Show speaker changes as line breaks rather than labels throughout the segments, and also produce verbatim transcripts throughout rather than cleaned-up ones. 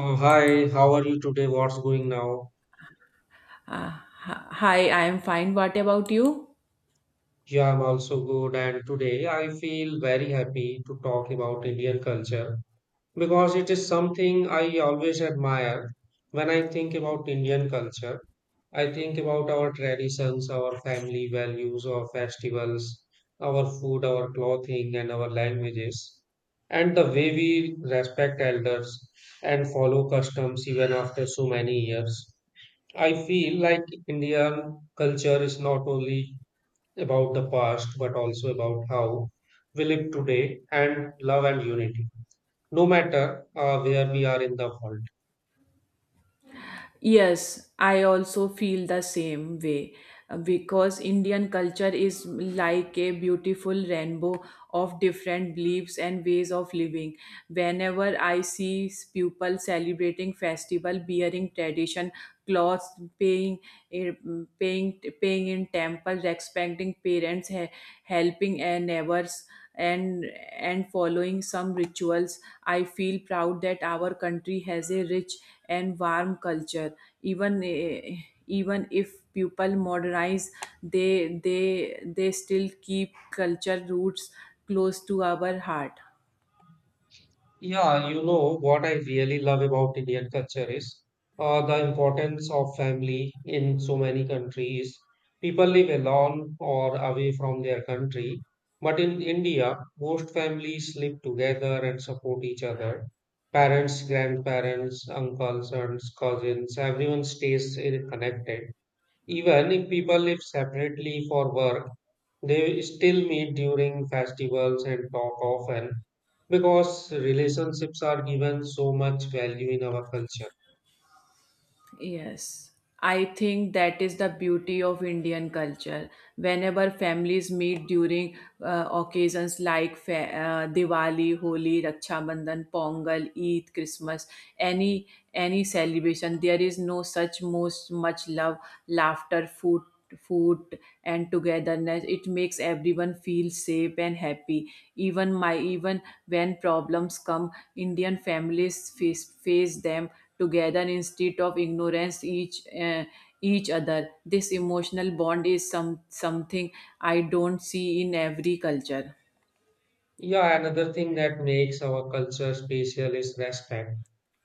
Uh, hi, how are you today? What's going now?
Hi, I am fine. What about you?
Yeah, I'm also good, and today I feel very happy to talk about Indian culture because it is something I always admire. When I think about Indian culture, I think about our traditions, our family values, our festivals, our food, our clothing, and our languages, and the way we respect elders and follow customs even after so many years. I feel like Indian culture is not only about the past, but also about how we live today and love and unity, no matter uh, where we are in the world.
Yes, I also feel the same way uh, because Indian culture is like a beautiful rainbow of different beliefs and ways of living. Whenever I see s- people celebrating festival, bearing tradition clothes, paying eh, mm, paying paying in temple, respecting parents, he- helping eh, neighbors, and and following some rituals, I feel proud that our country has a rich and warm culture even eh, even if people modernize, they they they still keep culture roots close to our heart.
Yeah, you know what I really love about Indian culture is uh, the importance of family in so many countries. People live alone or away from their country, but in India, most families live together and support each other. Parents, grandparents, uncles, aunts, cousins, everyone stays eh, connected. Even if people live separately for work, they still meet during festivals and talk often because relationships are given so much value in our culture.
Yes, I think that is the beauty of Indian culture. Whenever families meet during uh, occasions like fa- uh, Diwali, Holi, Raksha Bandhan, Pongal, Eid, Christmas, any any celebration, there is no such most much love, laughter, food, food, and togetherness. It makes everyone feel safe and happy. Even my even when problems come, Indian families face face them together instead of ignorance each uh, each other. This emotional bond is some something I don't see in every culture.
Yeah, another thing that makes our culture special is respect.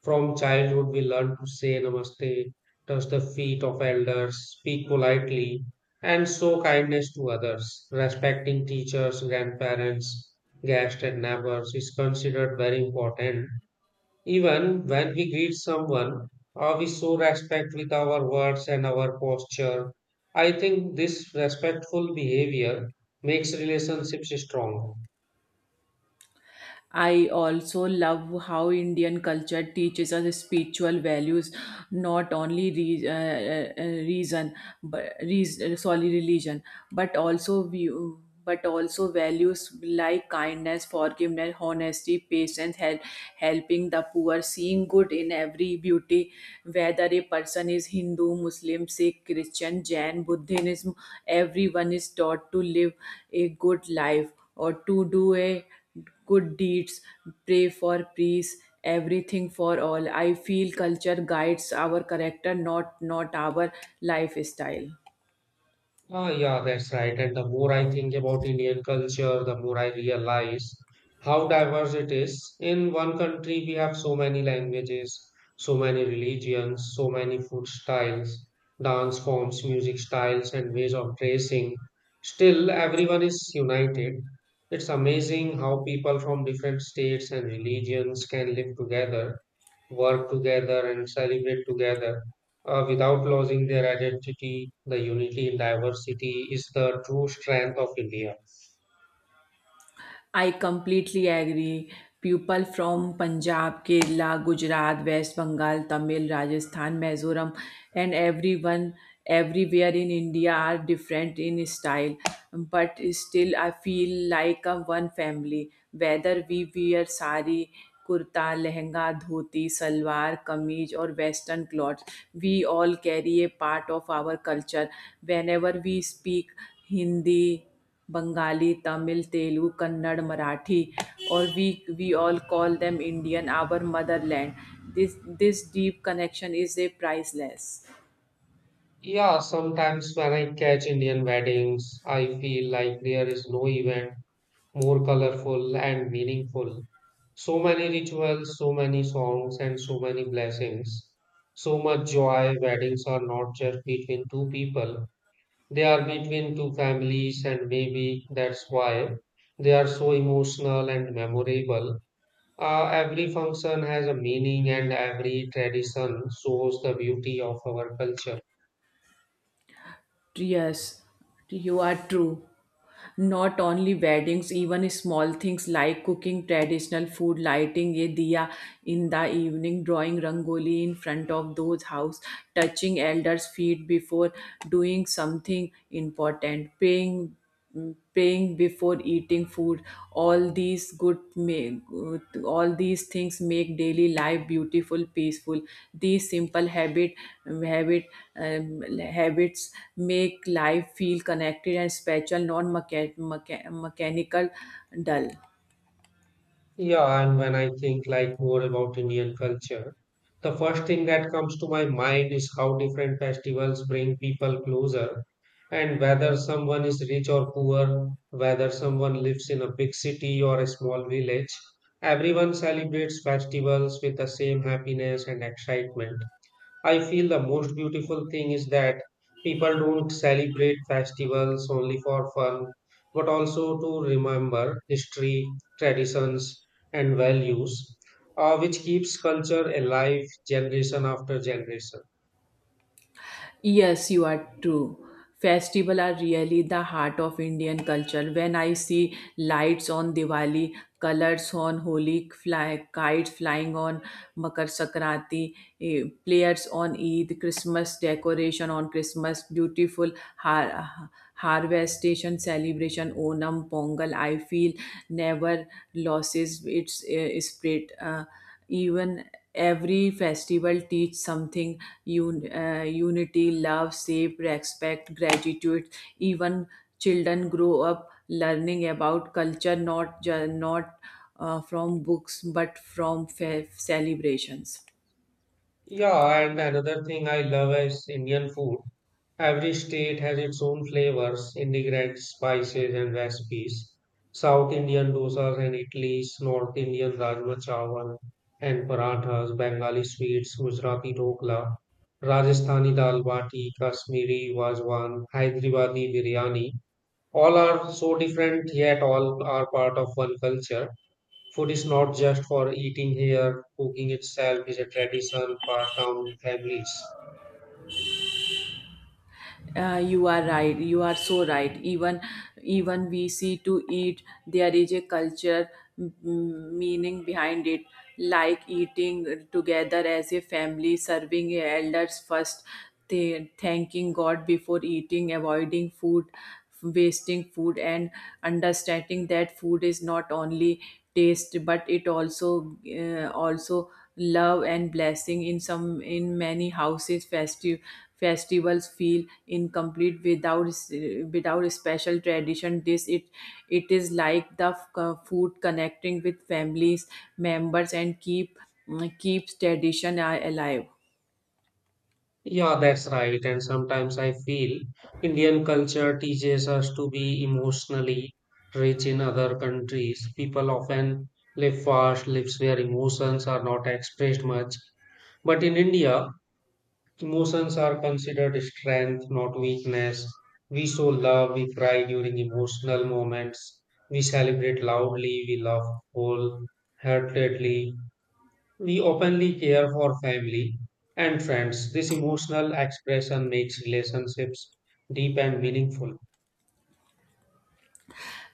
From childhood, we learn to say namaste, touch the feet of elders, speak politely, and show kindness to others. Respecting teachers, grandparents, guests, and neighbors is considered very important. Even when we greet someone, uh, we show respect with our words and our posture. I think this respectful behavior makes relationships strong.
I also love how Indian culture teaches us spiritual values, not only re- uh, uh, uh, reason, but reason, sorry, religion, but also view. But also values like kindness, forgiveness, honesty, patience, help, helping the poor, seeing good in every beauty, whether a person is Hindu, Muslim, Sikh, Christian, Jain, Buddhism, everyone is taught to live a good life or to do a good deeds, pray for peace, everything for all. I feel culture guides our character, not not our lifestyle.
Ah, yeah, that's right. And the more I think about Indian culture, the more I realize how diverse it is. In one country, we have so many languages, so many religions, so many food styles, dance forms, music styles, and ways of dressing. Still, everyone is united. It's amazing how people from different states and religions can live together, work together, and celebrate together uh, without losing their identity. The unity in diversity is the true strength of India.
I completely agree. People from Punjab, Kerala, Gujarat, West Bengal, Tamil, Rajasthan, Mizoram, and everyone everywhere in India are different in style, but still I feel like a one family. Whether we wear sari, kurta, lehenga, dhoti, salwar, kameez, or western clothes, we all carry a part of our culture. Whenever we speak Hindi, Bengali, Tamil, Telugu, Kannada, Marathi, or we we all call them Indian, our motherland. This this deep connection is a priceless.
Yeah, sometimes when I catch Indian weddings, I feel like there is no event more colorful and meaningful. So many rituals, so many songs, and so many blessings. So much joy. Weddings are not just between two people, they are between two families, and maybe that's why they are so emotional and memorable. Uh, every function has a meaning, and every tradition shows the beauty of our culture.
Yes, you are true. Not only weddings, even small things like cooking traditional food, lighting a diya in the evening, drawing rangoli in front of those house, touching elders' feet before doing something important, praying mm, praying before eating food, all these good make all these things make daily life beautiful peaceful. These simple habit habit um, habits make life feel connected and special, non mecha- mecha- mechanical, dull.
Yeah, and when I think like more about Indian culture, the first thing that comes to my mind is how different festivals bring people closer, and whether someone is rich or poor, whether someone lives in a big city or a small village, everyone celebrates festivals with the same happiness and excitement. I feel the most beautiful thing is that people don't celebrate festivals only for fun, but also to remember history, traditions, and values, uh, which keeps culture alive generation after generation.
Yes, you are true. Festival are really the heart of Indian culture. When I see lights on Diwali, colors on Holi, fly, kites flying on Makar Sankranti, eh, players on Eid, Christmas decoration on Christmas, beautiful har- harvestation celebration, Onam, Pongal, I feel never loses its eh, spirit. Uh, even every festival teach something, un- uh, unity, love, shape, respect, gratitude. Even children grow up learning about culture, not ju- not uh, from books but from fe- celebrations.
Yeah, and another thing I love is Indian food. Every state has its own flavors, ingredients, spices, and recipes. South Indian dosas and idlis, North Indian rajma chawal and parathas, Bengali sweets, Gujarati dokla, Rajasthani dal bati, Kashmiri wazwan, Hyderabadi biryani. All are so different, yet all are part of one culture. Food is not just for eating here, cooking itself is a tradition passed down in families.
Uh, you are right. You are so right. Even even we see to eat, there is a culture mm, meaning behind it, like eating together as a family, serving elders first, th- thanking God before eating, avoiding food, wasting food, and understanding that food is not only taste but it also uh, also love and blessing. In some in many houses festive festivals feel incomplete without without special tradition. This it It is like the f- uh, food connecting with families members and keep mm, keeps tradition uh, alive.
Yeah, that's right. And sometimes I feel Indian culture teaches us to be emotionally rich in other countries. People often live fast lives where emotions are not expressed much. But in India, emotions are considered strength, not weakness. We show love, we cry during emotional moments, we celebrate loudly, we love wholeheartedly, we openly care for family and friends. This emotional expression makes relationships deep and meaningful.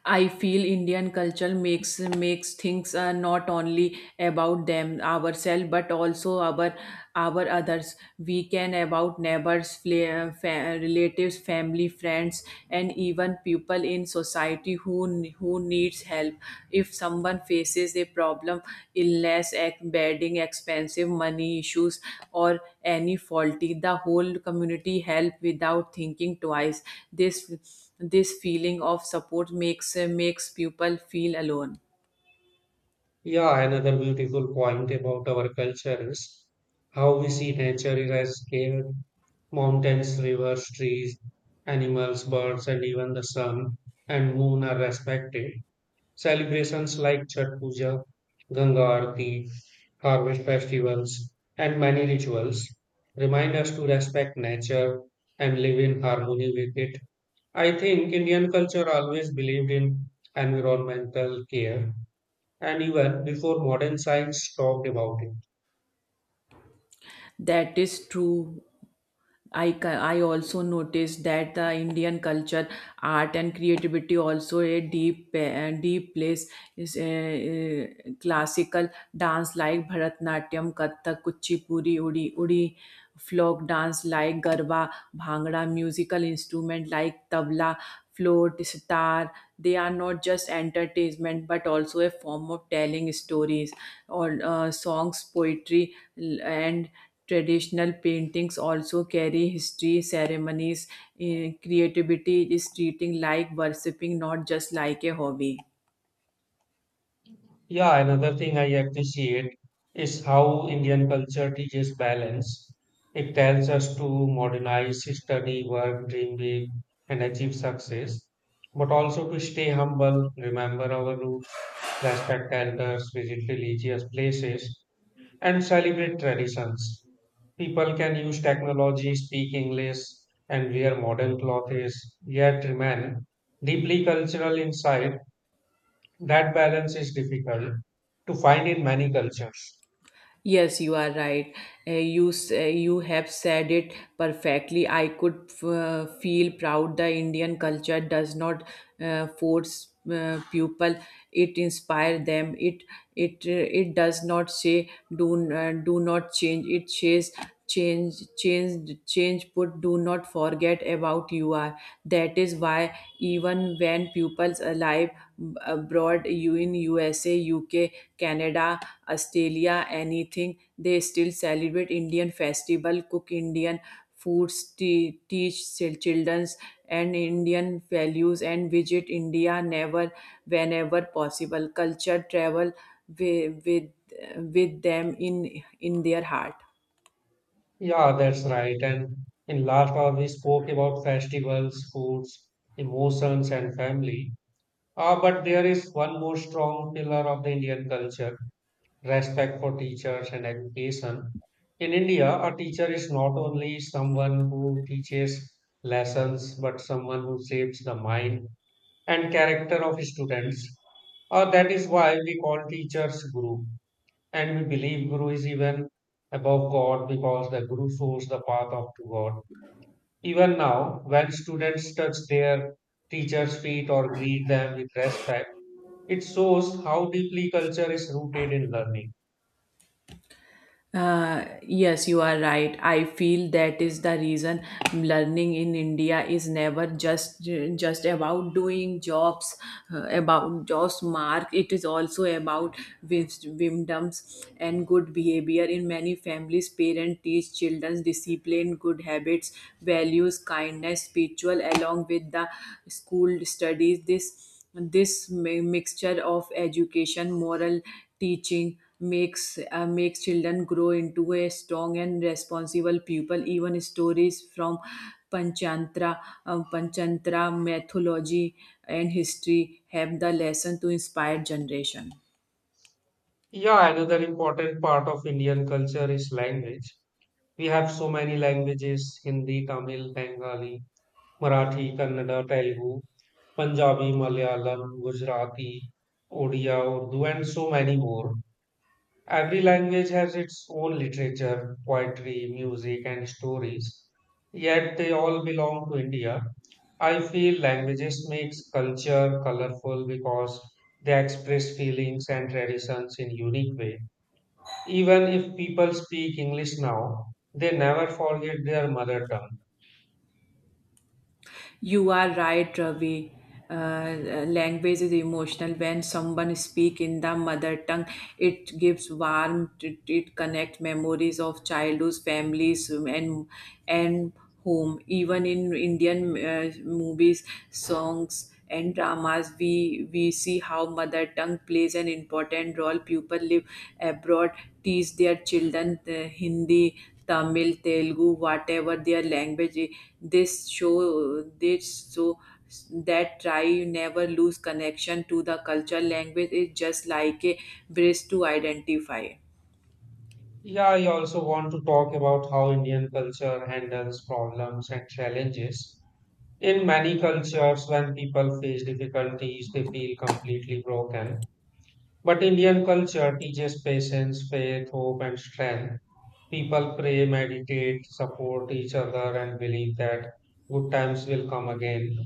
I feel Indian culture makes makes things uh, not only about them ourselves but also our our others. We can about neighbors, fla- fa- relatives, family, friends, and even people in society who who needs help. If someone faces a problem, illness, ec- bedding, expensive money issues, or any faulty, the whole community help without thinking twice. This this feeling of support makes makes people feel alone.
Yeah, another beautiful point about our culture is how we see nature is as scale, mountains, rivers, trees, animals, birds, and even the sun and moon are respected. Celebrations like Chhat Puja, Ganga Aarti, harvest festivals, and many rituals remind us to respect nature and live in harmony with it. I think Indian culture always believed in environmental care and even before modern science talked about it.
That is true. I, ca- I also noticed that the Indian culture, art, and creativity also a deep uh, deep place is uh, uh, classical dance like Bharatnatyam, Kathak, Kuchipuri, Udi, Udi, folk dance like Garba, Bhangra, musical instrument like tabla, flute, sitar. They are not just entertainment but also a form of telling stories or uh, songs, poetry, l- and traditional paintings also carry history, ceremonies, eh, creativity is treating like worshipping, not just like a hobby.
Yeah, another thing I appreciate is how Indian culture teaches balance. It tells us to modernize, study, work, dream big, and achieve success, but also to stay humble, remember our roots, respect elders, visit religious places, and celebrate traditions. People can use technology, speak English, and wear modern clothes, yet remain deeply cultural inside. That balance is difficult to find in many cultures.
Yes, you are right. Uh, you s- uh, you have said it perfectly. I could f- uh, feel proud. The Indian culture does not uh, force uh, people. It inspire them. It it uh, it does not say do n- uh, do not change. It says change change change. Put do not forget about you are. That is why even when pupils alive uh, abroad, you in USA, UK, Canada, Australia, anything, they still celebrate Indian festival, cook Indian foods, te- teach children's and Indian values, and visit India never whenever possible. Culture travel with with, with them in in their heart.
Yeah, that's right. And in last hour, we spoke about festivals, foods, emotions, and family. Ah, but there is one more strong pillar of the Indian culture: respect for teachers and education. In India, a teacher is not only someone who teaches lessons, but someone who shapes the mind and character of students. Uh, that is why we call teachers guru. And we believe guru is even above God because the guru shows the path of to God. Even now, when students touch their teacher's feet or greet them with respect, it shows how deeply culture is rooted in learning.
Uh, yes, you are right. I feel that is the reason learning in India is never just just about doing jobs, uh, about jobs mark. It is also about wis- wisdoms and good behavior. In many families, parents teach children discipline, good habits, values, kindness, spiritual, along with the school studies. This this mi- mixture of education, moral teaching makes uh, makes children grow into a strong and responsible people. Even stories from Panchantra, um, Panchtantra mythology and history have the lesson to inspire generation.
Yeah, another important part of Indian culture is language. We have so many languages: Hindi, Tamil, Bengali, Marathi, Kannada, Telugu, Punjabi, Malayalam, Gujarati, Odia, Urdu, and so many more. Every language has its own literature, poetry, music, and stories, yet they all belong to India. I feel languages makes culture colorful because they express feelings and traditions in unique way. Even if people speak English now, they never forget their mother tongue.
You are right, Ravi. Uh, uh, language is emotional. When someone speak in the mother tongue, it gives warmth. It, it connect memories of childhood, families, and and home. Even in Indian uh, movies, songs and dramas, we we see how mother tongue plays an important role. People live abroad, teach their children uh, Hindi, Tamil, Telugu, whatever their language is. This show this so That try you never lose connection to the culture. Language is just like a bridge to identify.
Yeah, I also want to talk about how Indian culture handles problems and challenges. In many cultures, when people face difficulties, they feel completely broken. But Indian culture teaches patience, faith, hope, and strength. People pray, meditate, support each other, and believe that good times will come again.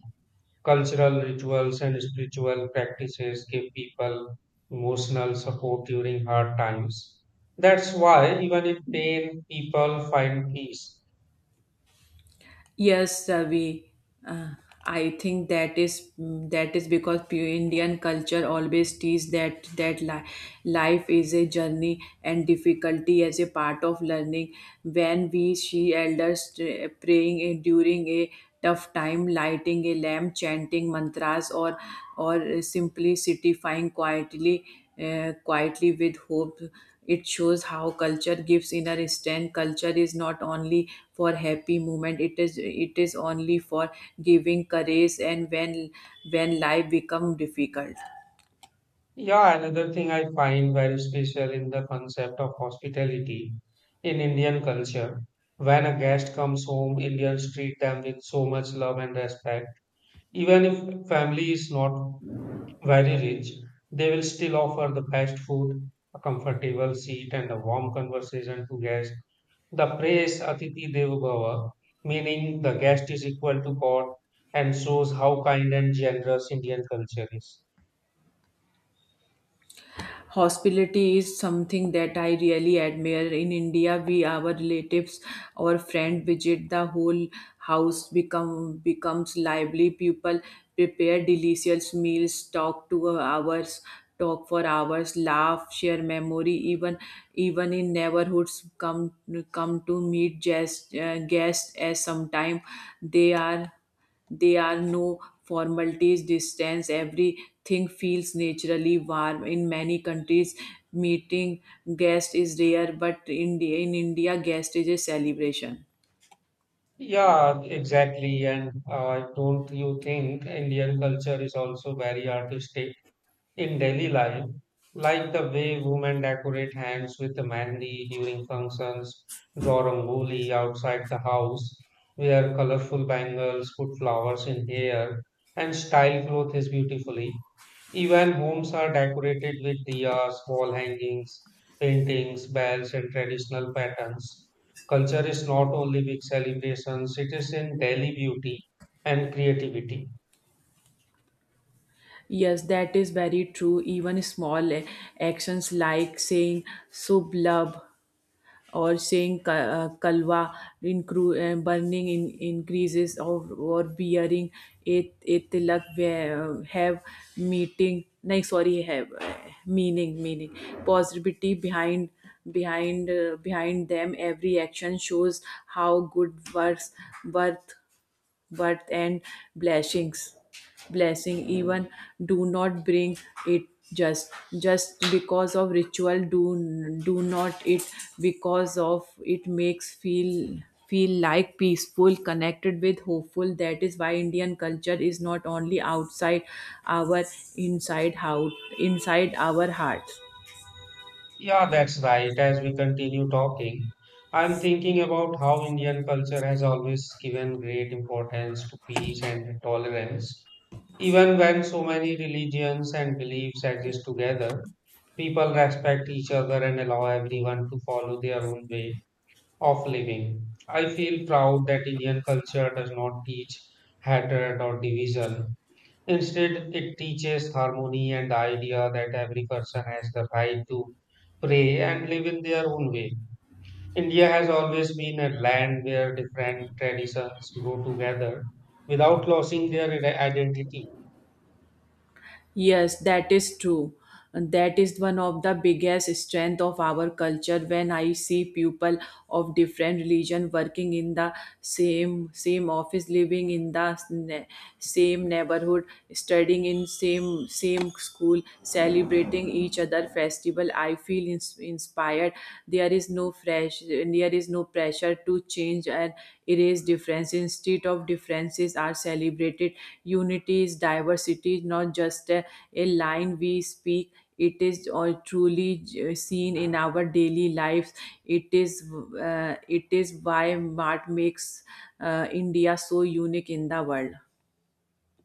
Cultural rituals and spiritual practices give people emotional support during hard times. That's why, even in pain, people find peace.
Yes, Ravi. Uh, I think that is mm, that is because pure Indian culture always teaches that that li- life is a journey and difficulty as a part of learning. When we see elders uh, praying uh, during a tough time, lighting a lamp, chanting mantras, or or simply sitting quietly, uh, quietly with hope. It shows how culture gives inner strength. Culture is not only for happy moment; it is it is only for giving courage and when when life become difficult.
Yeah, another thing I find very special in the concept of hospitality in Indian culture. When a guest comes home, Indians treat them with so much love and respect, even if family is not very rich, they will still offer the best food, a comfortable seat, and a warm conversation to guests. The phrase Atiti Devo Bhava, meaning the guest is equal to God, and shows how kind and generous Indian culture is.
Hospitality is something that I really admire. In India, we our relatives or friend visit the whole house become becomes lively. People prepare delicious meals, talk to hours, talk for hours, laugh, share memory. Even even in neighborhoods, come come to meet guests, uh, guests as sometime they are. There are no formalities, distance, everything feels naturally warm. In many countries, meeting guest is rare, but in, in India, guest is a celebration.
Yeah, exactly. And uh, don't you think Indian culture is also very artistic in daily life, like the way women decorate hands with mehndi during functions, draw rangoli outside the house, wear colorful bangles, put flowers in hair, and style clothes beautifully? Even homes are decorated with diyas, wall hangings, paintings, bells, and traditional patterns. Culture is not only big celebrations, it is in daily beauty and creativity.
Yes, that is very true. Even small eh, actions like saying "Subh love" or saying ka- uh, kalwa, incru- uh, burning in increases of or bearing it, it tilak where, uh, have meeting no sorry have uh, meaning meaning positivity behind behind uh, behind them. Every action shows how good works worth birth and blessings blessing. Even do not bring it, just just because of ritual, do do not it because of it makes feel feel like peaceful, connected, with hopeful. That is why Indian culture is not only outside our inside, how inside our hearts.
Yeah, that's right. As we continue talking, I'm thinking about how Indian culture has always given great importance to peace and tolerance. Even when so many religions and beliefs exist together, people respect each other and allow everyone to follow their own way of living. I feel proud that Indian culture does not teach hatred or division. Instead, it teaches harmony and the idea that every person has the right to pray and live in their own way. India has always been a land where different traditions grow together without losing their ide- identity.
Yes, that is true. And that is one of the biggest strength of our culture. When I see people of different religion working in the same same office, living in the s- ne- same neighborhood, studying in same same school, celebrating each other festival, I feel ins- inspired. There is no fresh and there is no pressure to change and erase difference. Instead of differences are celebrated, unity is diversity, not just a, a line we speak. It is all truly j- seen in our daily lives. it is uh, it is why what makes uh, India so unique in the world.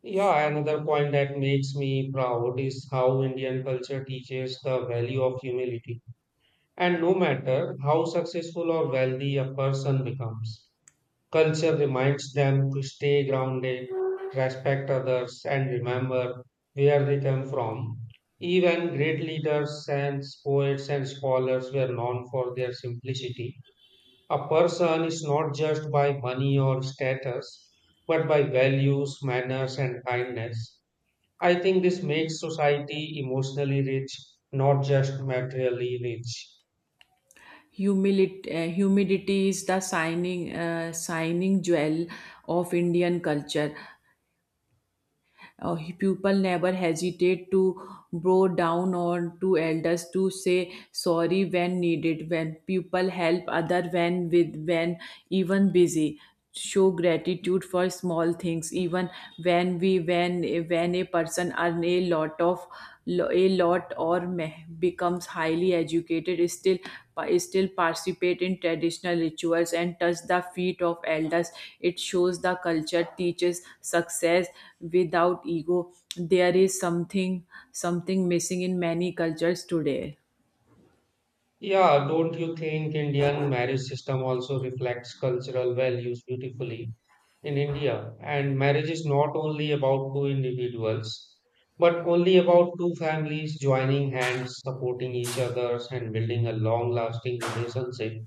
Yeah, another point that makes me proud is how Indian culture teaches the value of humility. And no matter how successful or wealthy a person becomes, culture reminds them to stay grounded, respect others, and remember where they come from. Even great leaders and poets and scholars were known for their simplicity. A person is not judged by money or status, but by values, manners, and kindness. I think this makes society emotionally rich, not just materially rich.
Humility, uh, humidity is the shining uh, shining jewel of Indian culture. Uh, people never hesitate to bow down or to elders, to say sorry when needed, when people help other when with when even busy, show gratitude for small things. Even when we when when a person earn a lot of lo- a lot or meh becomes highly educated, is still is still participate in traditional rituals and touch the feet of elders. It shows the culture teaches success without ego. There is something something missing in many cultures today.
Yeah, don't you think Indian marriage system also reflects cultural values beautifully in India? And marriage is not only about two individuals, but only about two families joining hands, supporting each other, and building a long-lasting relationship.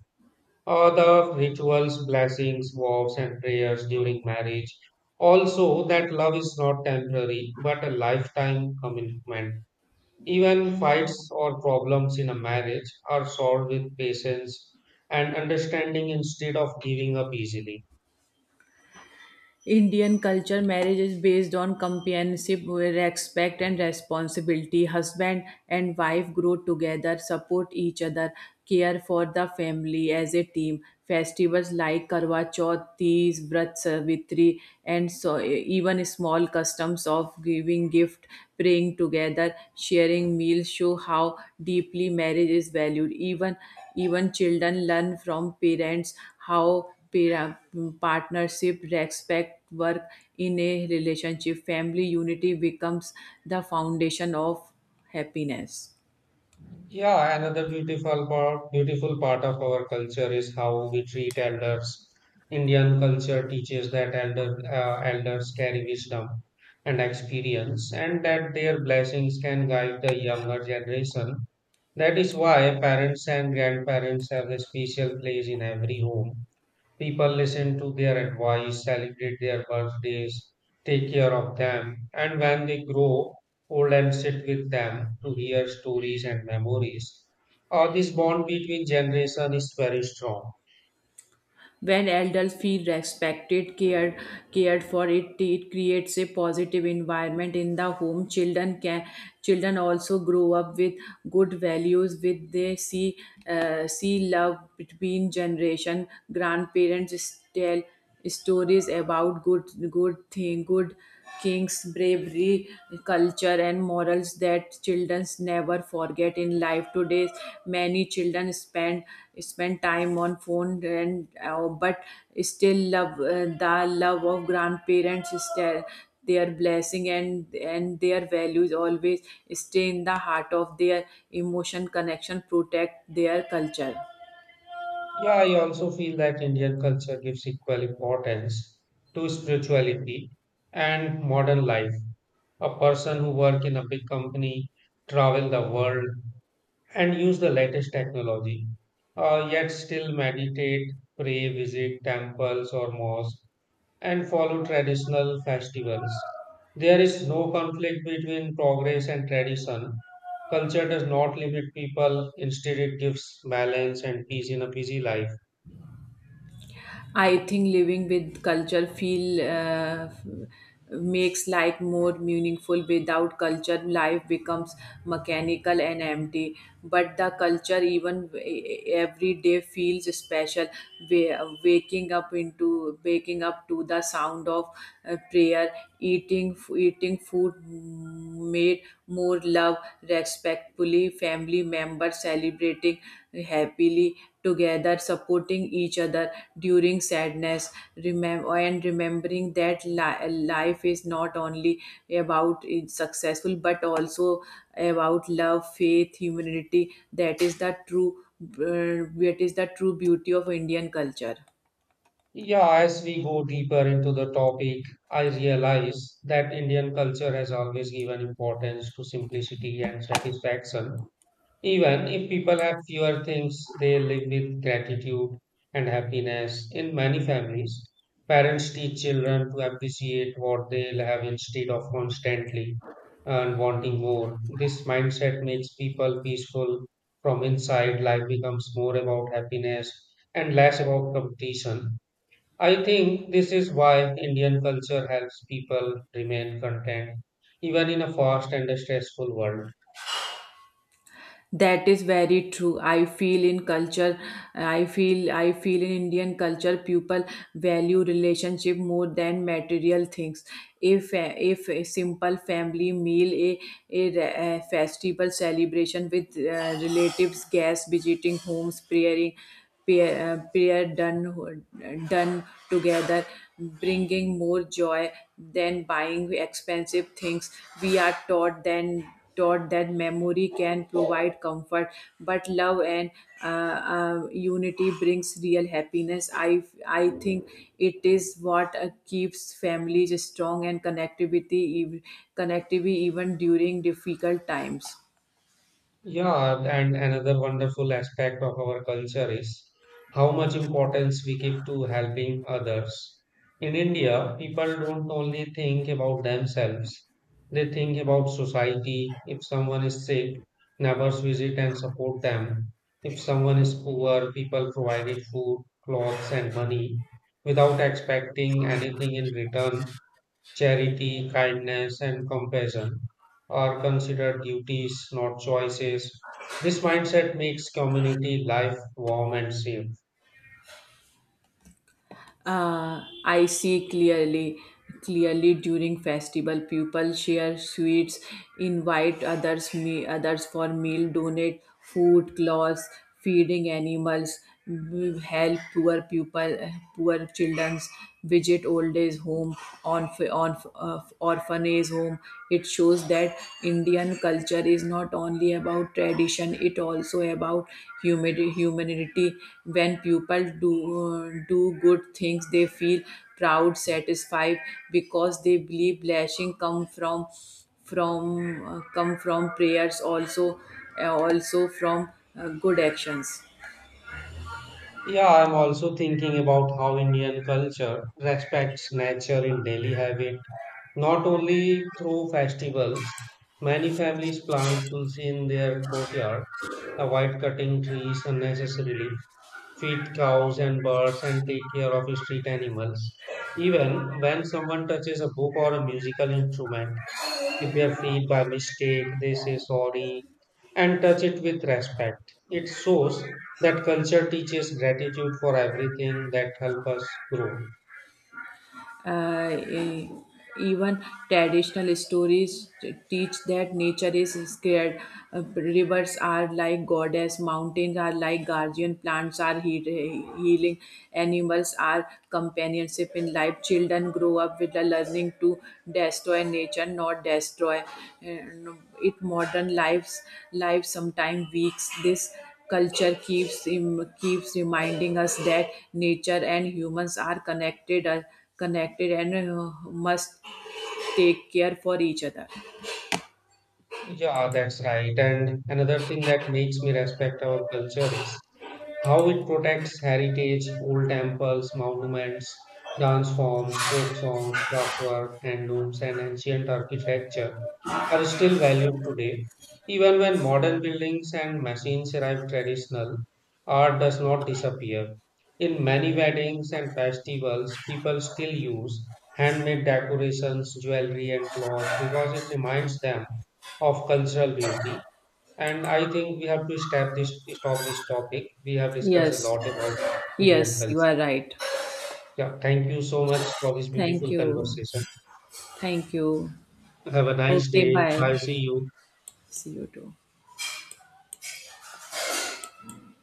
Uh, the rituals, blessings, vows, and prayers during marriage. Also, that love is not temporary, but a lifetime commitment. Even fights or problems in a marriage are solved with patience and understanding instead of giving up easily.
Indian culture, marriage is based on companionship, respect and responsibility. Husband and wife grow together, support each other, care for the family as a team. Festivals like Karwa Chauth, Tees, Vrat Savitri, and so even small customs of giving gift, praying together, sharing meals show how deeply marriage is valued. Even even children learn from parents how pair- partnership, respect, work in a relationship, family unity becomes the foundation of happiness.
Yeah, another beautiful part, beautiful part of our culture is how we treat elders. Indian culture teaches that elder, uh, elders carry wisdom and experience and that their blessings can guide the younger generation. That is why parents and grandparents have a special place in every home. People listen to their advice, celebrate their birthdays, take care of them, and when they grow old and sit with them to hear stories and memories. Uh, this bond between generation is very strong.
When elders feel respected, cared, cared for, it, it creates a positive environment in the home. Children can children also grow up with good values. With they see uh, see love between generation. Grandparents tell stories about good good thing good kings, bravery, culture, and morals that children never forget in life. Today, many children spend spend time on phone and uh, but still love uh, the love of grandparents. Still, their blessing and and their values always stay in the heart of their emotion connection protect their culture.
Yeah, I also feel that Indian culture gives equal importance to spirituality and modern life. A person who work in a big company, travel the world, and use the latest technology, uh, yet still meditate, pray, visit temples or mosques, and follow traditional festivals. There is no conflict between progress and tradition. Culture does not limit people, instead, it gives balance and peace in a busy life.
I think living with culture feel uh, makes life more meaningful. Without culture, life becomes mechanical and empty. But the culture, even e- every day, feels special. Wa- Waking up into waking up to the sound of uh, prayer, eating eating food made more love respectfully, family members celebrating happily together, supporting each other during sadness, remember and remembering that li- life is not only about it's successful but also about love, faith, humanity. That is the true uh, that is the true beauty of Indian culture.
Yeah, as we go deeper into the topic, I realize that Indian culture has always given importance to simplicity and satisfaction. Even if people have fewer things, they live with gratitude and happiness. In many families, parents teach children to appreciate what they'll have instead of constantly and wanting more. This mindset makes people peaceful from inside. Life becomes more about happiness and less about competition. I think this is why Indian culture helps people remain content even in a fast and a stressful world.
That is very true. i feel in culture i feel I feel in Indian culture people value relationship more than material things. If a, if a simple family meal, a, a, re- a festival celebration with uh, relatives, guests visiting homes, praying, pair, uh, prayer done done together, bringing more joy than buying expensive things. We are taught then taught that memory can provide comfort, but love and uh, uh, unity brings real happiness. I I think it is what uh, keeps families strong and connectivity ev- connectivity even during difficult times.
Yeah, and another wonderful aspect of our culture is how much importance we give to helping others. In India, people don't only think about themselves, they think about society. If someone is sick, neighbors visit and support them. If someone is poor, people provided food, clothes, and money without expecting anything in return. Charity, kindness, and compassion are considered duties, not choices. This mindset makes community life warm and safe.
Uh, I see clearly, clearly during festival, people share sweets, invite others, me, others for meal, donate food, clothes, feeding animals, w- help poor people, poor children, visit old age home, on, on uh, orphanage home. It shows shows that Indian culture is not only about tradition, it also about humid- humanity. When people do, uh, do good things, they feel proud, satisfied because they believe blessing come from from uh, come from prayers, also uh, also from uh, good actions.
Yeah, I'm also thinking about how Indian culture respects nature in daily habit, not only through festivals. Many families plant tulsi in their courtyard, avoid cutting trees unnecessarily, feed cows and birds and take care of street animals. Even when someone touches a book or a musical instrument with their feet by mistake, they say sorry and touch it with respect. It shows that culture teaches gratitude for everything that helps us grow.
Uh, e- Even traditional stories teach that nature is scared. Uh, rivers are like goddess, mountains are like guardian, plants are he- healing, animals are companionship in life. Children grow up with the learning to destroy nature, not destroy uh, it. Modern lives, life sometimes weaks this. Culture keeps im- keeps reminding us that nature and humans are connected, uh, connected, and uh, must take care for each other.
Yeah, that's right. And another thing that makes me respect our culture is how it protects heritage, old temples, monuments, dance forms, folk songs, craftwork, handlooms, and ancient architecture are still valued today. Even when modern buildings and machines arrive, traditional art does not disappear. In many weddings and festivals, people still use handmade decorations, jewelry, and clothes because it reminds them of cultural beauty. And I think we have to stop this. stop this topic. We have discussed a
Yes,
lot about Indian
yes, you
culture.
are right.
Yeah, thank you so much for this
Thank
beautiful
you,
conversation.
Thank you.
Have a nice
Okay,
day.
bye.
Bye. See you.
See you too.